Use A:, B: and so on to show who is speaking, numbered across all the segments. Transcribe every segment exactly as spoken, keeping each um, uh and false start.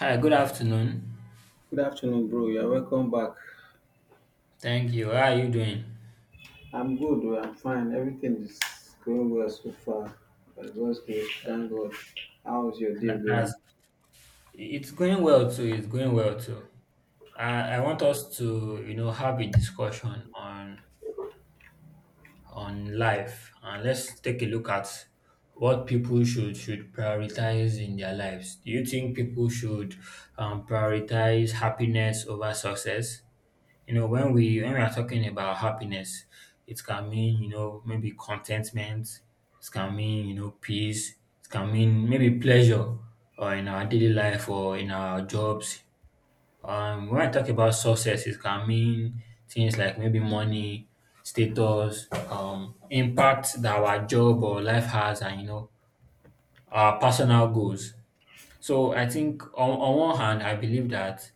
A: Hi, good afternoon.
B: Good afternoon, bro. You're welcome back.
A: Thank you. How are you doing?
B: I'm good. oh, I'm fine. Everything is going well so far. By God's grace, thank God. How's your day
A: Tha- That's,
B: going?
A: it's going well too. It's going well too. I, I want us to, you know, have a discussion on on life, and let's take a look at what people should should prioritize in their lives. Do you think people should um, prioritize happiness over success? You know, when we when we are talking about happiness, it can mean, you know, maybe contentment, it can mean, you know, peace, it can mean maybe pleasure, or in our daily life or in our jobs. Um when I talk about success, it can mean things like maybe money, status, um, impact that our job or life has, and you know, our personal goals. So I think on, on one hand, I believe that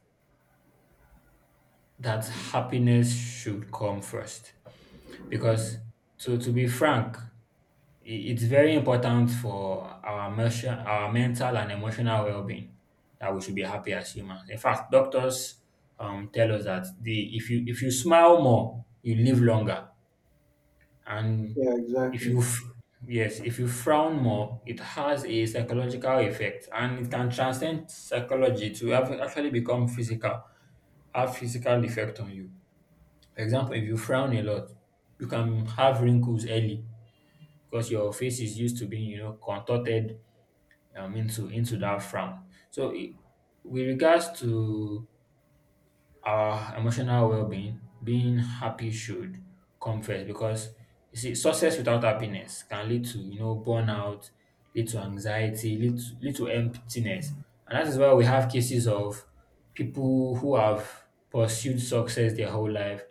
A: that happiness should come first. Because, to to be frank, i- it's very important for our emotion, our mental and emotional well-being, that we should be happy as humans. In fact, doctors um, tell us that the if you if you smile more, you live longer, and
B: Yeah,
A: if
B: exactly.
A: you f- yes if you frown more, it has a psychological effect, and it can transcend psychology to have actually become physical, have physical effect on you. For example, if you frown a lot, you can have wrinkles early because your face is used to being, you know, contorted um into into that frown. So i- with regards to our emotional well-being, being happy should come first because you see, success without happiness can lead to, you know, burnout, lead to anxiety, lead to, lead to emptiness. And that is why we have cases of people who have pursued success their whole life,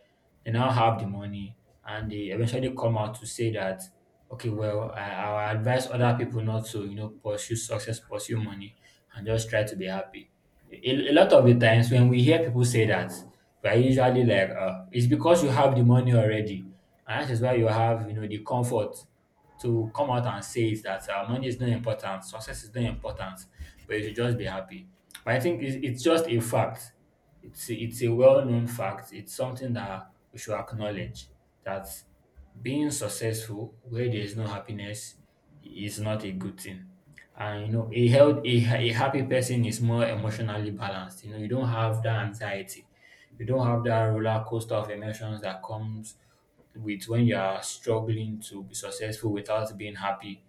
A: they now have the money, and they eventually come out to say that, okay, well i, I advise other people not to, you know, pursue success, pursue money, and just try to be happy. A, a lot of the times when we hear people say that, we're usually like, uh, it's because you have the money already. And that is why you have, you know, the comfort to come out and say it that uh, money is not important, success is not important, but you should just be happy. But I think it's, it's just a fact. It's a, it's a well-known fact. It's something that we should acknowledge, that being successful where there is no happiness is not a good thing. And you know, a health a, a happy person is more emotionally balanced. You know, you don't have that anxiety, you don't have that roller coaster of emotions that comes with when you are struggling to be successful without being happy.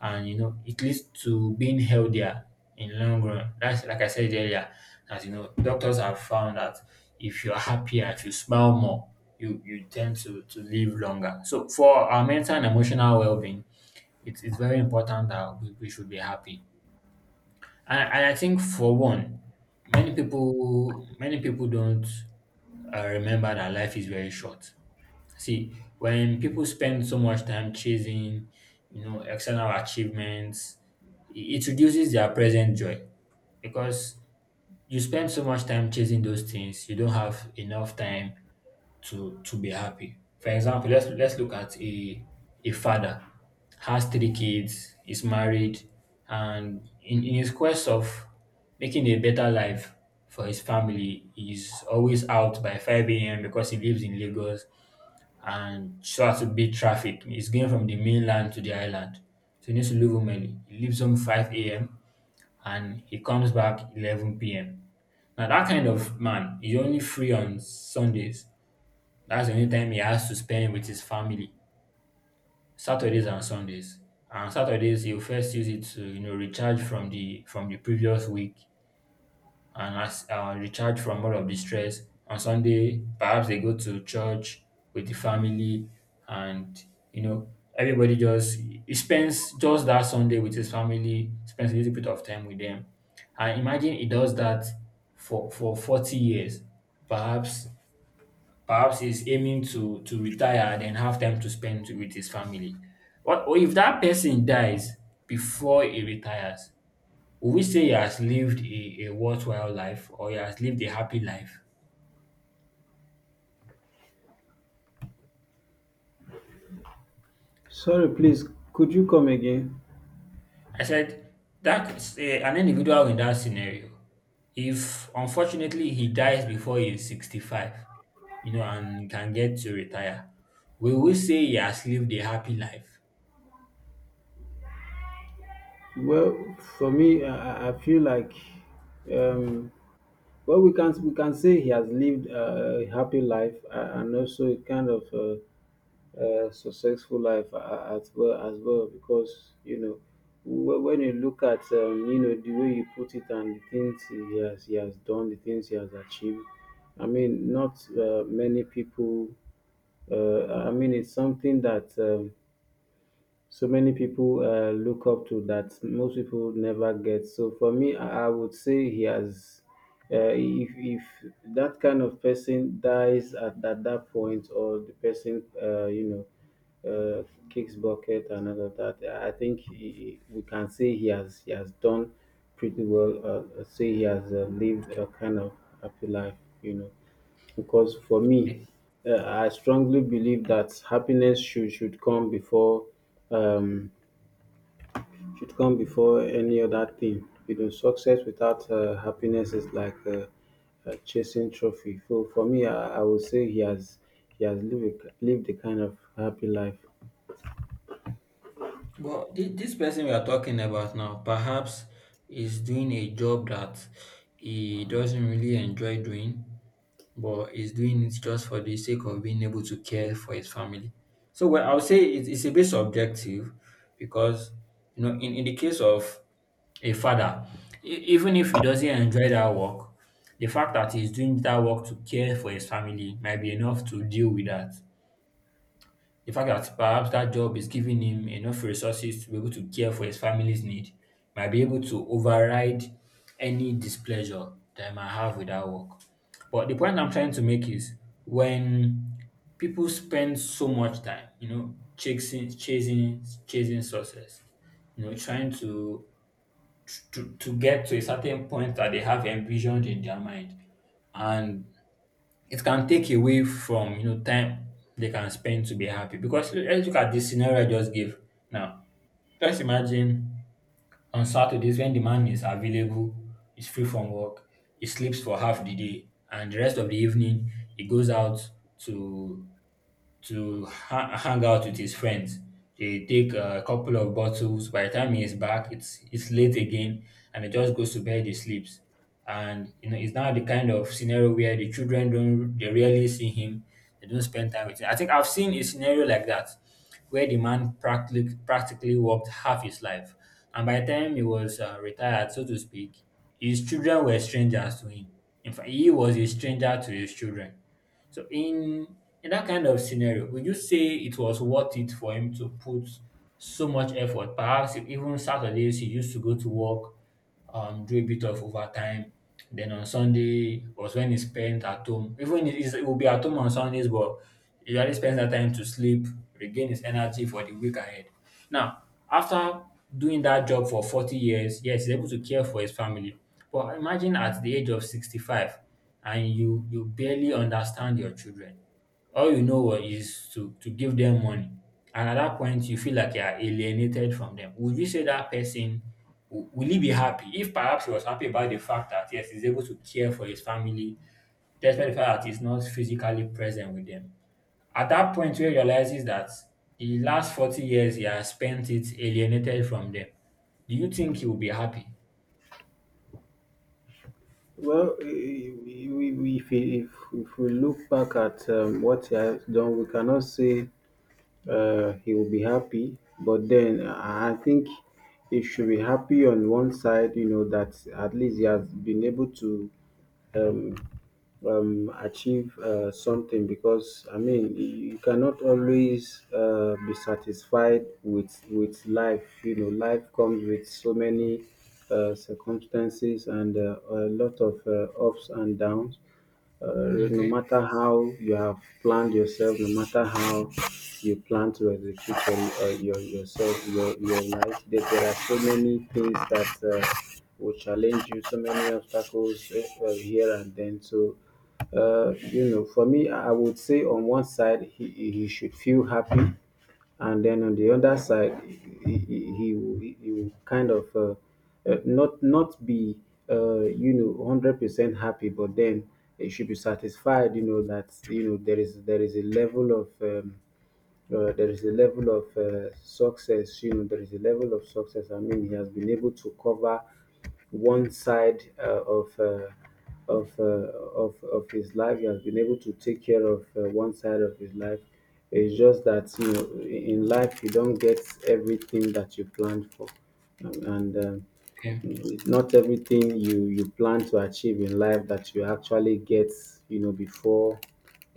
A: And you know, it leads to being healthier in long run. That's, like I said earlier, that you know, doctors have found that if you're happier, if you smile more, you you tend to to live longer. So for our mental and emotional well being, it's it's very important that we, we should be happy. And I, I think for one, many people many people don't uh, remember that life is very short. See, when people spend so much time chasing, you know, external achievements, it it reduces their present joy because you spend so much time chasing those things. You don't have enough time to to be happy. For example, let's let's look at a a father. Has three kids, is married, and in, in his quest of making a better life for his family, he's always out by five a m because he lives in Lagos and so has to beat traffic. He's going from the mainland to the island. So he needs to leave home early. He leaves home five a m and he comes back eleven p m. Now, that kind of man is only free on Sundays, that's the only time he has to spend with his family, Saturdays and Sundays. And Saturdays he'll first use it to, you know, recharge from the from the previous week, and as uh, recharge from all of the stress. On Sunday, perhaps they go to church with the family, and you know, everybody just he spends just that Sunday with his family, spends a little bit of time with them. And imagine he does that for for forty years, perhaps. Perhaps he's aiming to to retire and then have time to spend with his family. What, or if that person dies before he retires, will we say he has lived a, a worthwhile life, or he has lived a happy life?
B: Sorry, please. Could you come again?
A: I said that is, eh, an individual in that scenario, if unfortunately he dies before he is sixty-five, you know, and can get to retire, will we say he has lived a happy life?
B: Well, for me, I, I I feel like um, well, we can we can say he has lived uh, a happy life uh, and also a kind of uh, uh, successful life a- as well as well because you know wh- when you look at um, you know, the way you put it and the things he has he has done, the things he has achieved. I mean not uh, many people, uh, I mean, it's something that um, so many people, uh, look up to that most people never get. So for me, I I would say he has. Uh, if if that kind of person dies at, at that point, or the person, uh, you know uh, kicks bucket and all of that, I think he, he- we can say he has he has done pretty well. Uh, say he has, uh, lived a kind of happy life, you know, because for me, uh, I strongly believe that happiness should should come before um, should come before any other thing. You know, success without, uh, happiness is like, uh, uh, chasing trophy. So for me, I, I would say he has he has lived a- lived a kind of happy life.
A: But thi- this person we are talking about now perhaps is doing a job that he doesn't really enjoy doing, but is doing it just for the sake of being able to care for his family. So, well, I would say it's, it's a bit subjective because, you know, in, in the case of a father, e- even if he doesn't enjoy that work, the fact that he's doing that work to care for his family might be enough to deal with that. The fact that perhaps that job is giving him enough resources to be able to care for his family's need might be able to override any displeasure that I might have with that work. But the point I'm trying to make is, when people spend so much time, you know, chasing, chasing, chasing success, you know, trying to to, to get to a certain point that they have envisioned in their mind, and it can take away from, you know, time they can spend to be happy. Because le- let's look at this scenario I just gave now. Just imagine, on Saturdays when the man is available, is free from work, he sleeps for half the day, and the rest of the evening he goes out to to ha- hang out with his friends. They take a couple of bottles. By the time he is back, it's it's late again, and he just goes to bed. He sleeps, and you know, it's now the kind of scenario where the children don't, they rarely see him. They don't spend time with him. I think I've seen a scenario like that, where the man practically practically worked half his life, and by the time he was uh, retired, so to speak, his children were strangers to him. In fact, he was a stranger to his children. So in in that kind of scenario, would you say it was worth it for him to put so much effort? Perhaps even Saturdays he used to go to work, um, do a bit of overtime. Then on Sunday was when he spent at home. Even he he will be at home on Sundays, but he usually spends that time to sleep, regain his energy for the week ahead. Now, after doing that job for forty years, yes, he's able to care for his family. But imagine at the age of sixty-five, and you you barely understand your children. All you know is to to give them money, and at that point you feel like you are alienated from them. Would you say that person, wi will he be happy, if perhaps he was happy about the fact that yes, he's able to care for his family despite the fact that he's not physically present with them? At that point where he realizes that the last forty years he has spent it alienated from them, do you think he will be happy?
B: Well, i- we we- if we, if if we look back at, um, what he has done, we cannot say, uh, he will be happy. But then I I think he should be happy on one side, you know, that at least he has been able to, um, um, achieve, uh, something, because I mean you cannot always, uh, be satisfied with with life. You know, life comes with so many, uh, circumstances, and uh, a lot of uh, ups and downs. Uh, no
A: Okay,
B: matter how you have planned yourself, no matter how you plan to execute your, uh, your yourself, your, your life, there, there are so many things that. Uh, will challenge you, so many obstacles, uh, uh, here and then. So, uh, you know, for me I would say on one side he, he he should feel happy, and then on the other side he, he, he, will- he will kind of, uh, uh, not not be, uh, you know, one hundred percent happy, but then he should be satisfied, you know, that you know there is there is a level of, um, uh, there is a level of uh, success. You know, there is a level of success. I mean, he has been able to cover one side, uh, of. Uh, of, uh, of of his life. He has been able to take care of, uh, one side of his life. It's just that, you know, in life, you don't get everything that you planned for. Um, and um,
A: okay.
B: It's not everything you you plan to achieve in life that you actually get, you know, before,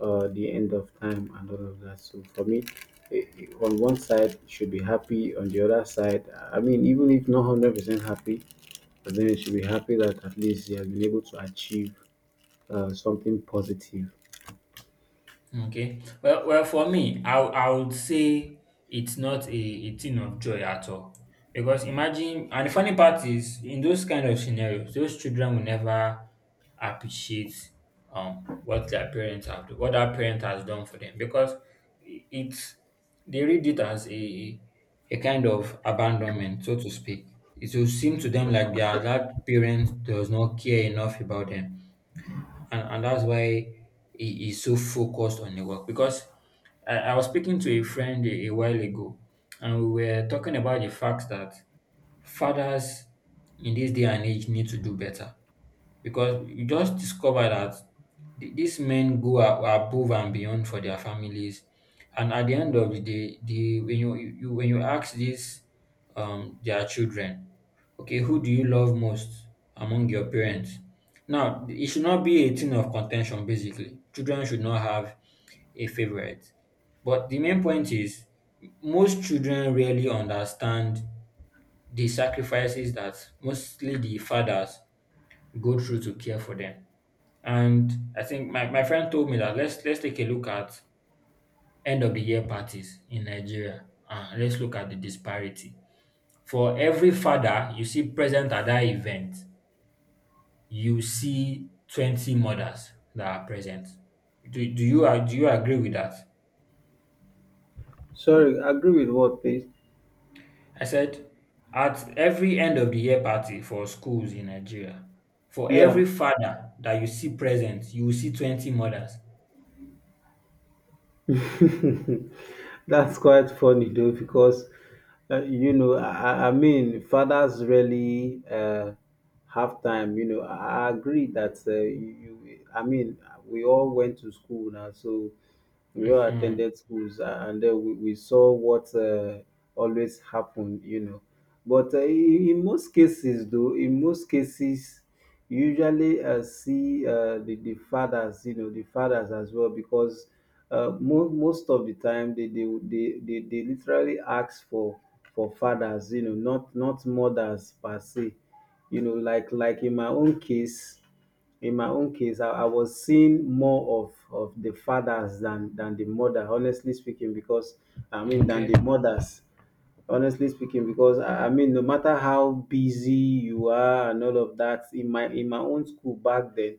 B: uh, the end of time and all of that. So for me, eh, eh, on one side you should be happy, on the other side, I mean, even if not one hundred percent happy, but then you should be happy that at least you have been able to achieve, uh, something positive.
A: Okay. Well, well, for me, I, w- I would say it's not a, a thing of joy at all. Because imagine, and the funny part is, in those kind of scenarios, those children will never appreciate um what their parents have done, what their parent has done for them. Because i- it's, they read it as a a kind of abandonment, so to speak. It will seem to them like their that parent does not care enough about them, and, and that's why he, is so focused on the work. Because I, I was speaking to a friend a, a while ago, and we were talking about the fact that fathers in this day and age need to do better. Because you just discover that th- these men go a- above and beyond for their families, and at the end of the day, the when you, you when you ask these um their children, okay, who do you love most among your parents? Now it should not be a thing of contention. Basically children should not have a favorite, but the main point is most children really understand the sacrifices that mostly the fathers go through to care for them. And I think my, my friend told me that let's let's take a look at end of the year parties in Nigeria. Uh, let's look at the disparity. For every father you see present at that event, you see twenty mothers that are present. Do, do you ag- do you agree with that?
B: Sorry, agree with what, please?
A: I said at every end of the year party for schools in Nigeria, for
B: Yeah.
A: every father that you see present, you will see twenty mothers.
B: That's quite funny though, because, uh, you know, I, I I mean, fathers really, uh, have time. You know, I I agree that, uh, you, you- I mean, we all went to school now, so we all
A: Mhm.
B: attended schools, uh, and then we, we saw what, uh, always happened. You know, but uh, in in most cases, though, in most cases. Usually, uh, see uh, the the fathers, you know, the fathers as well, because, uh, mo- most of the time they they, they they they literally ask for for fathers, you know, not not mothers per se, you know, like like in my own case, in my own case, I, I was seeing more of, of the fathers than, than the mother, honestly speaking, because I mean, than
A: Okay,
B: the mothers, honestly speaking, because i I mean, no matter how busy you are and all of that, in my in my own school back then,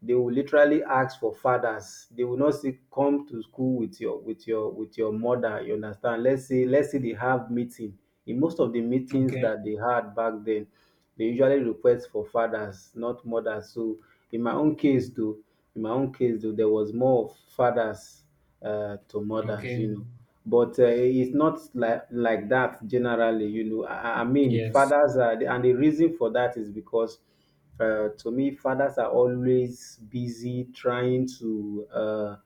B: they will literally ask for fathers. They will not say come to school with your with your with your mother. You understand? Let's say let's say they have meeting. In most of the meetings
A: okay,
B: that they had back then, they usually request for fathers, not mothers. So in my own case though, in my own case though, there was more of fathers, uh, to mothers, you
A: okay.
B: know. But uh, it's not like like that generally, you know. I, I I mean,
A: Yes.
B: fathers are, and the reason for that is because, uh, to me, fathers are always busy trying to, uh,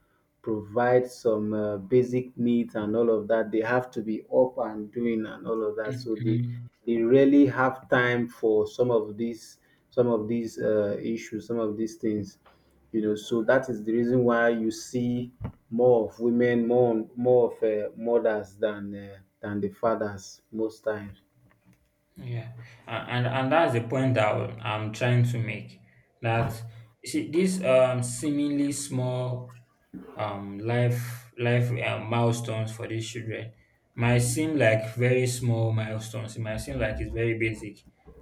B: provide some, uh, basic needs and all of that. They have to be up and doing and all of that. So they
A: Mhm.
B: they really have time for some of these some of these uh, issues, some of these things. You know, so that is the reason why you see more of women, more more of, uh, mothers than, uh, than the fathers most times.
A: Yeah, and, and and that's the point that I'm trying to make. That you see, these um seemingly small um life life uh, milestones for these children might seem like very small milestones. It might seem like it's very basic.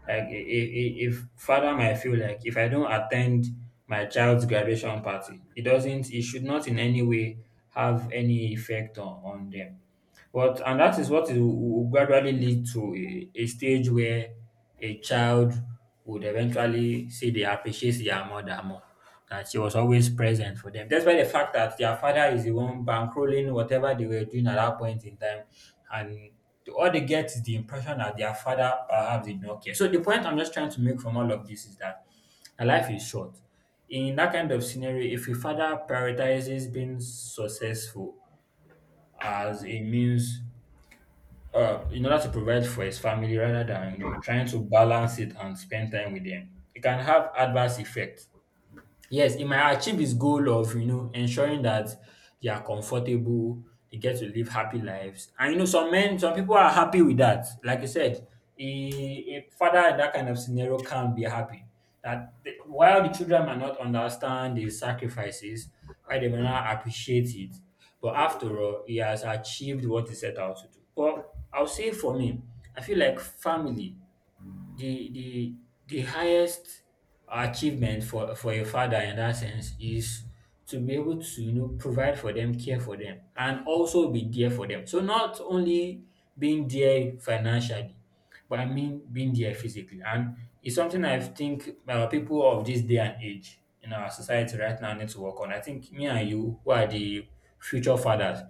A: Like if if father might feel like, if I don't attend my child's graduation party, it doesn't. It should not in any way have any effect on on them. But and that is what it will will gradually lead to, a a stage where a child would eventually say they appreciate their mother more, that she was always present for them. Despite the fact that their father is the one bankrolling whatever they were doing at that point in time, and the- all they get is the impression that their father perhaps did not care. So the point I'm just trying to make from all of this is that our life is short. In that kind of scenario, if a father prioritizes being successful as a means uh, in order to provide for his family rather than, you know, trying to balance it and spend time with them, it can have adverse effect. Yes, it might achieve his goal of, you know, ensuring that they are comfortable, they get to live happy lives. And you know, some men, some people are happy with that. Like you said, a, a father in that kind of scenario can be happy. That the, while the children might not understand the sacrifices, why they may not appreciate it, but after all, he has achieved what he set out to do. But I'll say for me, I feel like family, the the the highest achievement for for a father in that sense is to be able to, you know, provide for them, care for them, and also be there for them. So not only being there financially, but I mean being there physically. And it's something I think, uh, people of this day and age in our society right now need to work on. I think me and you who are the future fathers,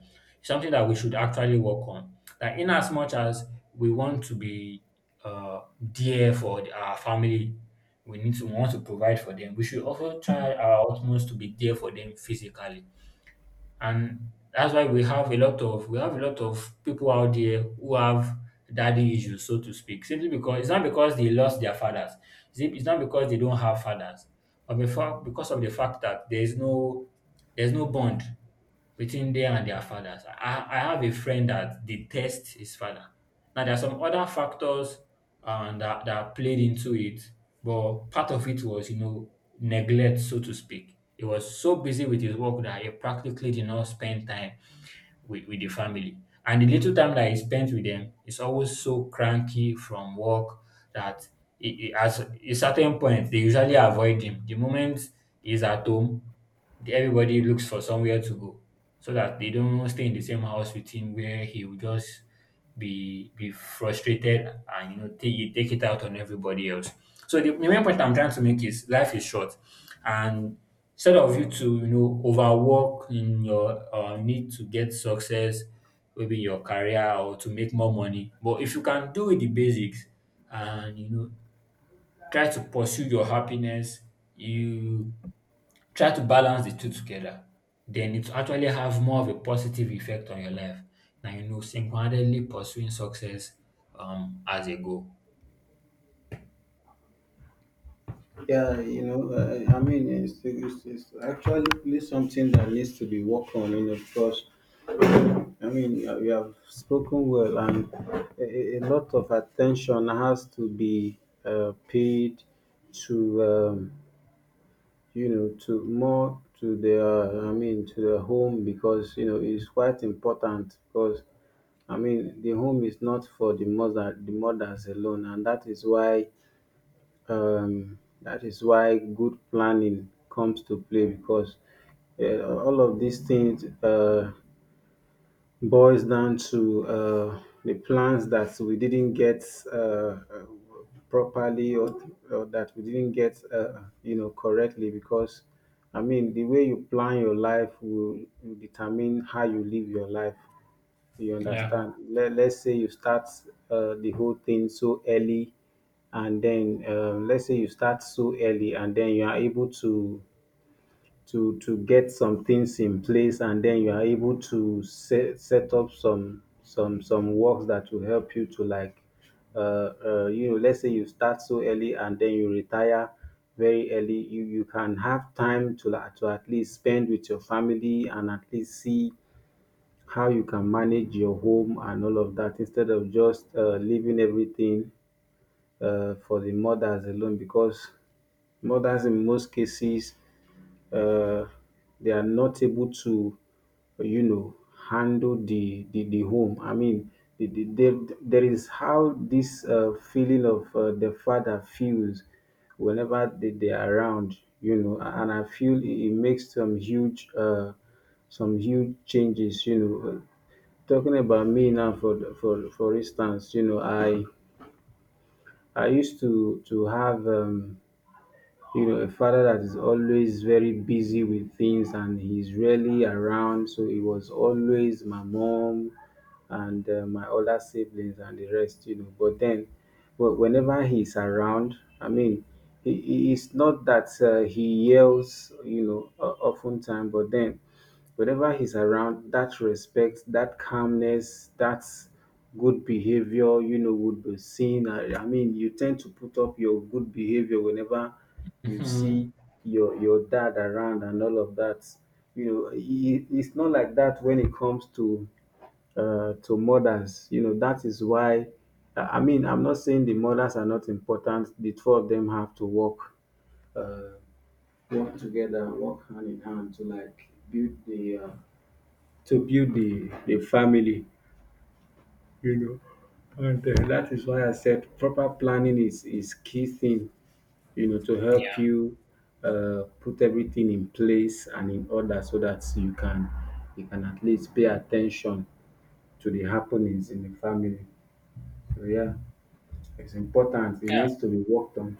A: something that we should actually work on, that in as much as we want to be uh dear for the- our family, we need to want to provide for them, we should also try our utmost to be there for them physically. And that's why we have a lot of, we have a lot of people out there who have daddy issues, so to speak. Simply because it's not because they lost their fathers. It's it's not because they don't have fathers, but before because of the fact that there is no, there's no bond between them and their fathers. I, I have a friend that detests his father. Now, there are some other factors um, that, that played into it, but part of it was, you know, neglect, so to speak. He was so busy with his work that he practically did not spend time with, with the family. And the little time that I spent with them is always so cranky from work that it, it, at a certain point they usually avoid him. The moment he's at home, the- everybody looks for somewhere to go so that they don't stay in the same house with him, where he will just be be frustrated and, you know, take, it, take it out on everybody else. So the, the main point I'm trying to make is life is short, and instead of you to, you know, overwork in your uh, need to get success maybe in your career or to make more money. But if you can do the basics and, you know, try to pursue your happiness, you try to balance the two together, then it will actually have more of a positive effect on your life than, you know, single-handedly pursuing success um as a goal.
B: Yeah, you know, uh, I mean, it's, it's, it's actually really something that needs to be worked on, you know, because, I mean, you you have spoken well, and a, a a lot of attention has to be, uh, paid to, um, you know, to more to their, I mean, to their home, because, you know, it's quite important because I mean, the home is not for the mother, the mothers alone, and that is why, um, that is why good planning comes to play, because, uh, all of these things. Uh, boils down to, uh, the plans that we didn't get, uh, uh, properly, or, or that we didn't get, uh, you know, correctly, because I mean the way you plan your life will, will determine how you live your life, you
A: Yeah.
B: understand. Let, let's say you start, uh, the whole thing so early, and then, um, let's say you start so early, and then you are able to to to get some things in place, and then you are able to set set up some some some works that will help you to like, uh, uh you know, let's say you start so early and then you retire very early. You you can have time to like to at least spend with your family, and at least see how you can manage your home and all of that, instead of just, uh, leaving everything, um for the mothers alone, because mothers in most cases, um they are not able to, you know, handle the the the home. I mean the the there there is how this, um feeling of, um the father feels whenever they they are around, you know, and I feel it, it makes some huge, uh, some huge changes, you know. Talking about me now, for for for instance, you know, I I used to to have, um, you know, a father that is always very busy with things, and he's rarely around. So it was always my mom, and, uh, my older siblings and the rest, you know. But then, but whenever he's around, I mean, he, he- it's not that, uh, he yells, you know, o- often time, but then whenever he's around, that respect, that calmness, that good behavior, you know, would be seen. I, I mean, you tend to put up your good behavior whenever you
A: Mhm.
B: see your your dad around and all of that. You know, he, it's not like that when it comes to, uh, to mothers. You know, that is why. I mean, I'm not saying the mothers are not important. The two of them have to work. Uh, Work together, work hand in hand to like build the, uh, to build the the family, you know. And, uh, that is why I said proper planning is is key thing, you know, to help you, uh, put everything in place and in order so that you can you can at least pay attention to the happenings in the family. So yeah, it's important. It
A: Yeah.
B: needs to be worked on.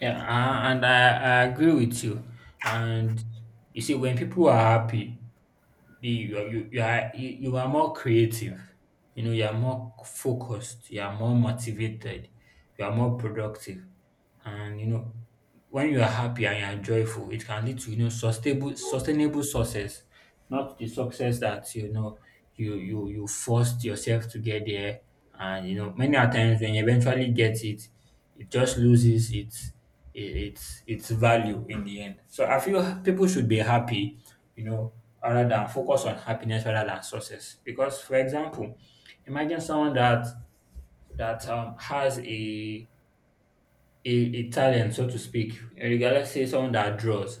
A: Yeah, a- and I, I agree with you. And you see, when people are happy, the, you, you, you are you, you are more creative. You know, you are more focused, you are more motivated, you are more productive. And, you know, when you are happy and you are joyful, it can lead to, you know, sustainable sustainable success. Not the success that, you know, you you you forced yourself to get there, and, you know, many a times when you eventually get it, it just loses its its its value in the end. So I feel people should be happy, you know, rather than focus on happiness rather than success. Because for example, imagine someone that that um, has a a, a talent, so to speak. Regardless, say someone that draws,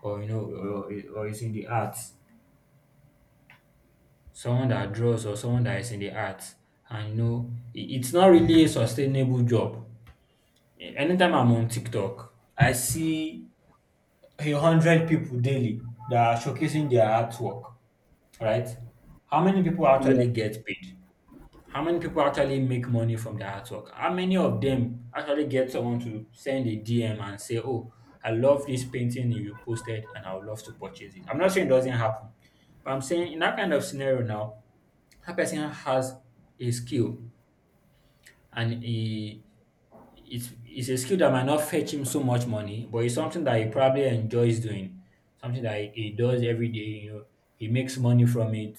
A: or, you know, or, or is in the arts, someone that draws or someone that is in the arts, and, you know, i- it's not really a sustainable job. Anytime I'm on TikTok, I see a hundred people daily that are showcasing their artwork, right? How many people actually get paid? How many people actually make money from their artwork? How many of them actually get someone to send a D M and say, oh, I love this painting you posted and I would love to purchase it? I'm not saying it doesn't happen, but I'm saying in that kind of scenario now, that person has a skill, and a, it's it's a skill that might not fetch him so much money, but it's something that he probably enjoys doing, something that he, he does every day. You know, he makes money from it,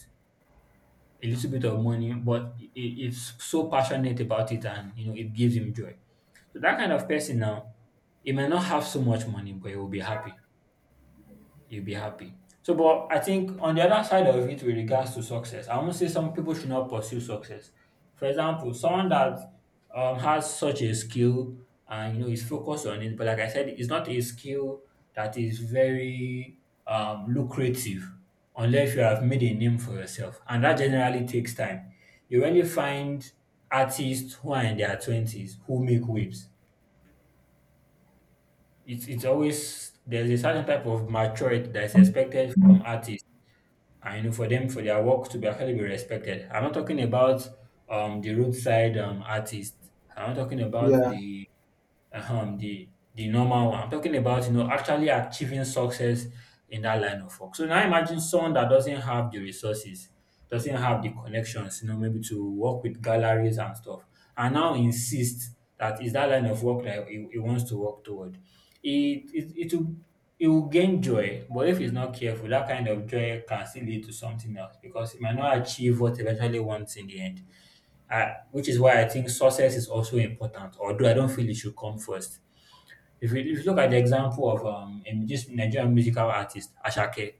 A: a little bit of money, but it, it's so passionate about it, and, you know, it gives him joy. So that kind of person now, he may not have so much money, but he will be happy, you'll be happy. So, but I think on the other side of it, with regards to success, I won't say some people should not pursue success. For example, someone that um, has such a skill and, you know, is focused on it, but like I said, it's not a skill that is very um, lucrative unless you have made a name for yourself, and that generally takes time. You only find artists who are in their twenties who make waves. It's it's always there's a certain type of maturity that is expected from artists, I know, for them for their work to be actually be respected. I'm not talking about um the roadside um artist. I'm not talking about the um the the normal one. I'm talking about, you know, actually achieving success in that line of work. So now imagine someone that doesn't have the resources, doesn't have the connections, you know, maybe to work with galleries and stuff, and now insists that is that line of work that he, he wants to work toward. It it it will, he will gain joy, but if he's not careful, that kind of joy can still lead to something else because he might not achieve what he eventually wants in the end. Uh, which is why I think success is also important, although I don't feel it should come first. If you, if you look at the example of, um, in this Nigerian musical artist, Ashake,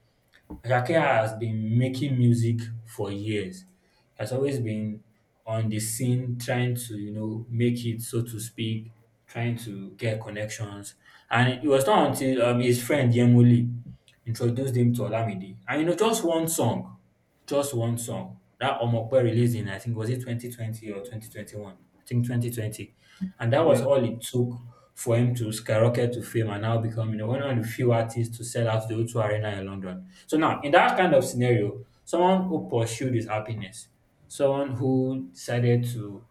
A: Ajake has been making music for years, has always been on the scene trying to, you know, make it, so to speak, trying to get connections. And it was not until um, his friend Yemuli introduced him to Olamide. And, you know, just one song. Just one song. That Omokwe released in, I think was it twenty twenty or twenty twenty-one? I think twenty twenty. And that was all it took for him to skyrocket to fame and now become, you know, one of the few artists to sell out the O two Arena in London. So now in that kind of scenario, someone who pursued his happiness, someone who decided to,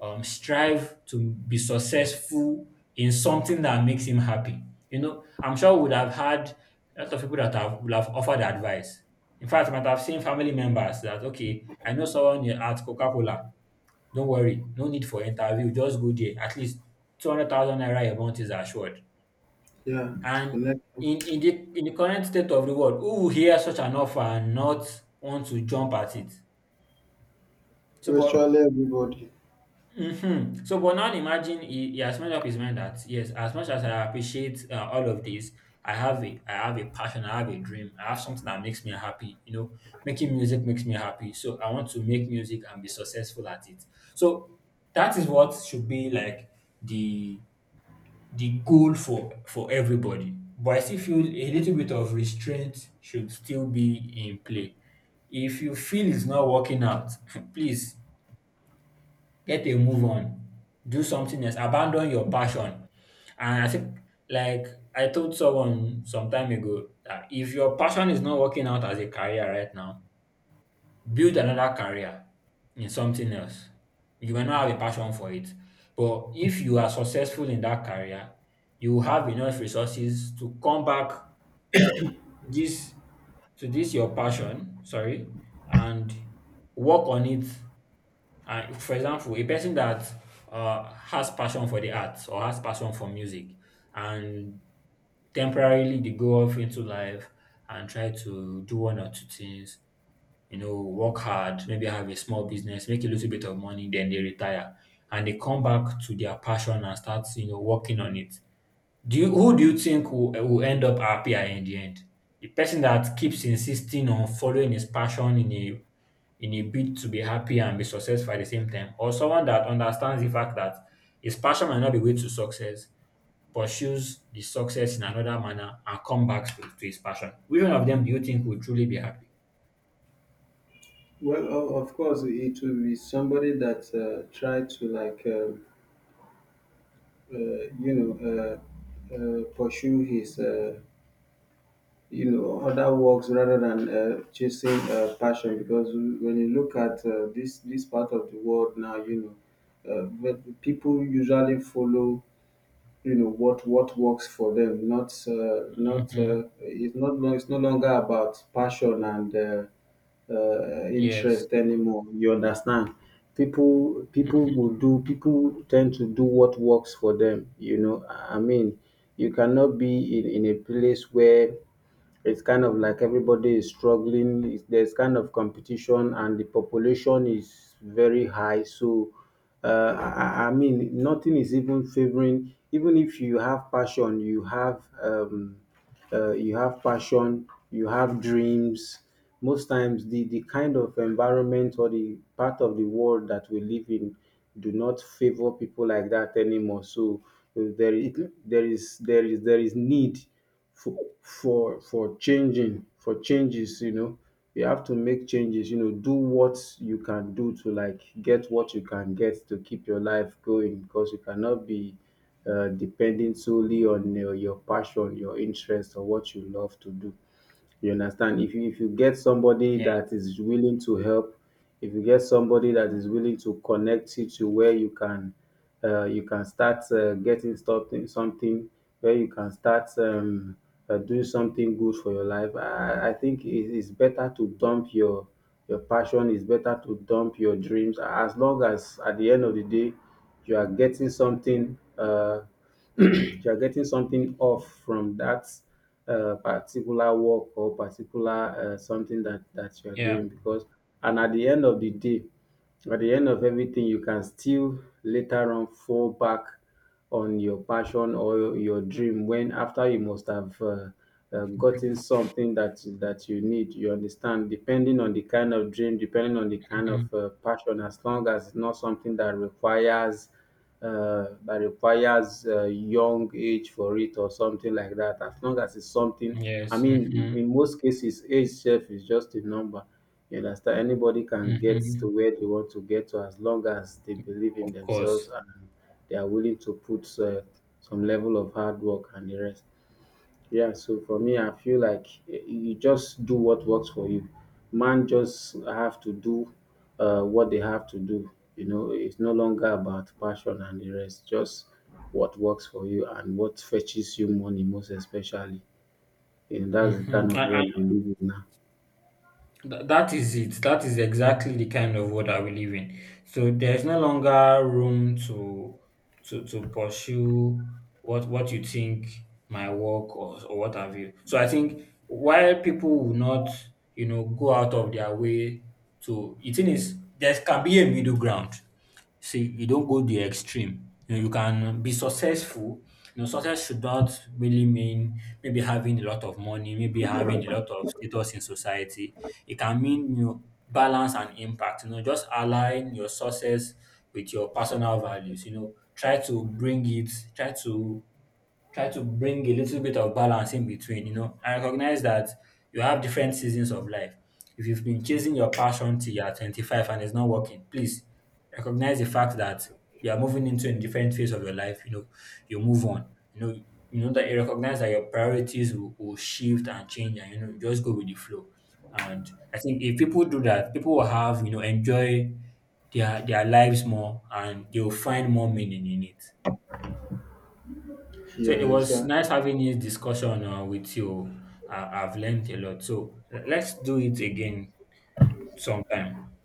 A: um, strive to be successful in something that makes him happy. You know, I'm sure we would have had a lot of people that have would have offered advice. In fact, I might have seen family members that, okay, I know someone here at Coca-Cola. Don't worry, no need for interview. Just go there. At least two hundred thousand naira a month is assured.
B: Yeah,
A: And
B: connect
A: in in the in the current state of the world, who will hear such an offer and not want to jump at it? So, but
B: virtually everybody.
A: Mhm. So, but now imagine he, he has made up his mind that yes, as much as I appreciate uh, all of this, I have a I have a passion, I have a dream, I have something that makes me happy. You know, making music makes me happy. So I want to make music and be successful at it. So that is what should be like the the goal for for everybody. But I still feel a little bit of restraint should still be in play. If you feel it's not working out, please get a move on, do something else, abandon your passion. And I think, like I told someone some time ago, that if your passion is not working out as a career right now, build another career in something else. You may not have a passion for it, but if you are successful in that career, you will have enough resources to come back this to this your passion, sorry, and work on it. And for example, a person that uh, has passion for the arts or has passion for music, and temporarily they go off into life and try to do one or two things, you know, work hard, maybe have a small business, make a little bit of money, then they retire and they come back to their passion and start, you know, working on it. Do you, who do you think will, will end up happier in the end? The person that keeps insisting on following his passion in a in a bid to be happy and be successful at the same time, or someone that understands the fact that his passion might not be way to success, pursues the success in another manner and come back to, to his passion. Which one of them do you think will truly be happy?
B: Well, o- of course, it will be somebody that, uh, try to like. Uh, uh, you know, uh, uh, pursue his, uh, you know, other works rather than, uh, chasing, uh, passion. Because when you look at, uh, this this part of the world now, you know, uh, but people usually follow, you know, what what works for them, not, uh, not
A: Hmm.
B: uh, it's not lo- it's no longer about passion and, uh, uh,
A: Yes.
B: interest anymore, you understand. People people will do, people tend to do what works for them, you know. I mean, you cannot be in, in a place where it's kind of like everybody is struggling. It's, there's kind of competition, and the population is very high. So, uh, I, I I mean, nothing is even favoring. Even if you have passion, you have, um, uh, you have passion, you have dreams. Most times, the the kind of environment or the part of the world that we live in do not favor people like that anymore. So, uh, there, is- there is there is there is need for for for changing, for changes, you know. You have to make changes, you know, do what you can do to like get what you can get to keep your life going, because you cannot be, uh, depending solely on your, your passion, your interest, or what you love to do. You understand? If you if you get somebody
A: Yeah,
B: that is willing to help, if you get somebody that is willing to connect you to where you can, uh, you can start, uh, getting something, something where you can start, um, uh, doing something good for your life. I, I think it is better to dump your your passion. It's better to dump your dreams, as long as at the end of the day you are getting something. Uh, you are getting something off from that, uh, particular work, or particular, uh, something that that you are
A: yeah.
B: doing. Because and at the end of the day, at the end of everything, you can still later on fall back on your passion or your, your dream, when after you must have, uh, uh, gotten something that that you need, you understand, depending on the kind of dream, depending on the kind
A: Mhm.
B: of, uh, passion, as long as it's not something that requires, uh, that requires a young age for it, or something like that. As long as it's something, I
A: Yes.
B: mean,
A: Hmm.
B: in most cases, age self is just a number. You understand? Anybody can get to
A: Hmm.
B: where they want to get to, as long as they believe
A: Of
B: in
A: course.
B: themselves and they are willing to put, uh, some level of hard work and the rest. Yeah, so for me, I feel like y- you just do what works for you. Man just have to do, uh, what they have to do. You know, it's no longer about passion and the rest. Just what works for you and what fetches you money, most especially. And that's the
A: Hmm.
B: kind of world
A: And,
B: we live in now.
A: Th- that is it. That is exactly the kind of world that we live in. So there is no longer room to to to pursue what what you think my work or, or what have you. So I think while people will not, you know, go out of their way to the thing is there can be a middle ground. See, you don't go the extreme. You know, you can be successful. You know, success should not really mean maybe having a lot of money, maybe having a lot of status in society. It can mean, you know, balance and impact. You know, just align your success with your personal values. You know, try to bring it, try to try to bring a little bit of balance in between. You know, I recognize that you have different seasons of life. If you've been chasing your passion till you're twenty-five and it's not working, please recognize the fact that you are moving into a different phase of your life. You know, you move on. You know, you know that you recognize that your priorities will, will shift and change, and you know, you just go with the flow. And I think if people do that, people will have, you know, enjoy their their lives more, and they will find more meaning in it. So
B: Yeah,
A: it was
B: exactly.
A: nice having this discussion uh, with you. I, I've learned a lot. So let's do it again sometime.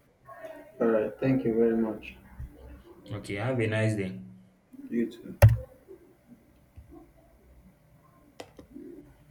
B: All right. Thank you very much.
A: Okay, have a nice day.
B: You too.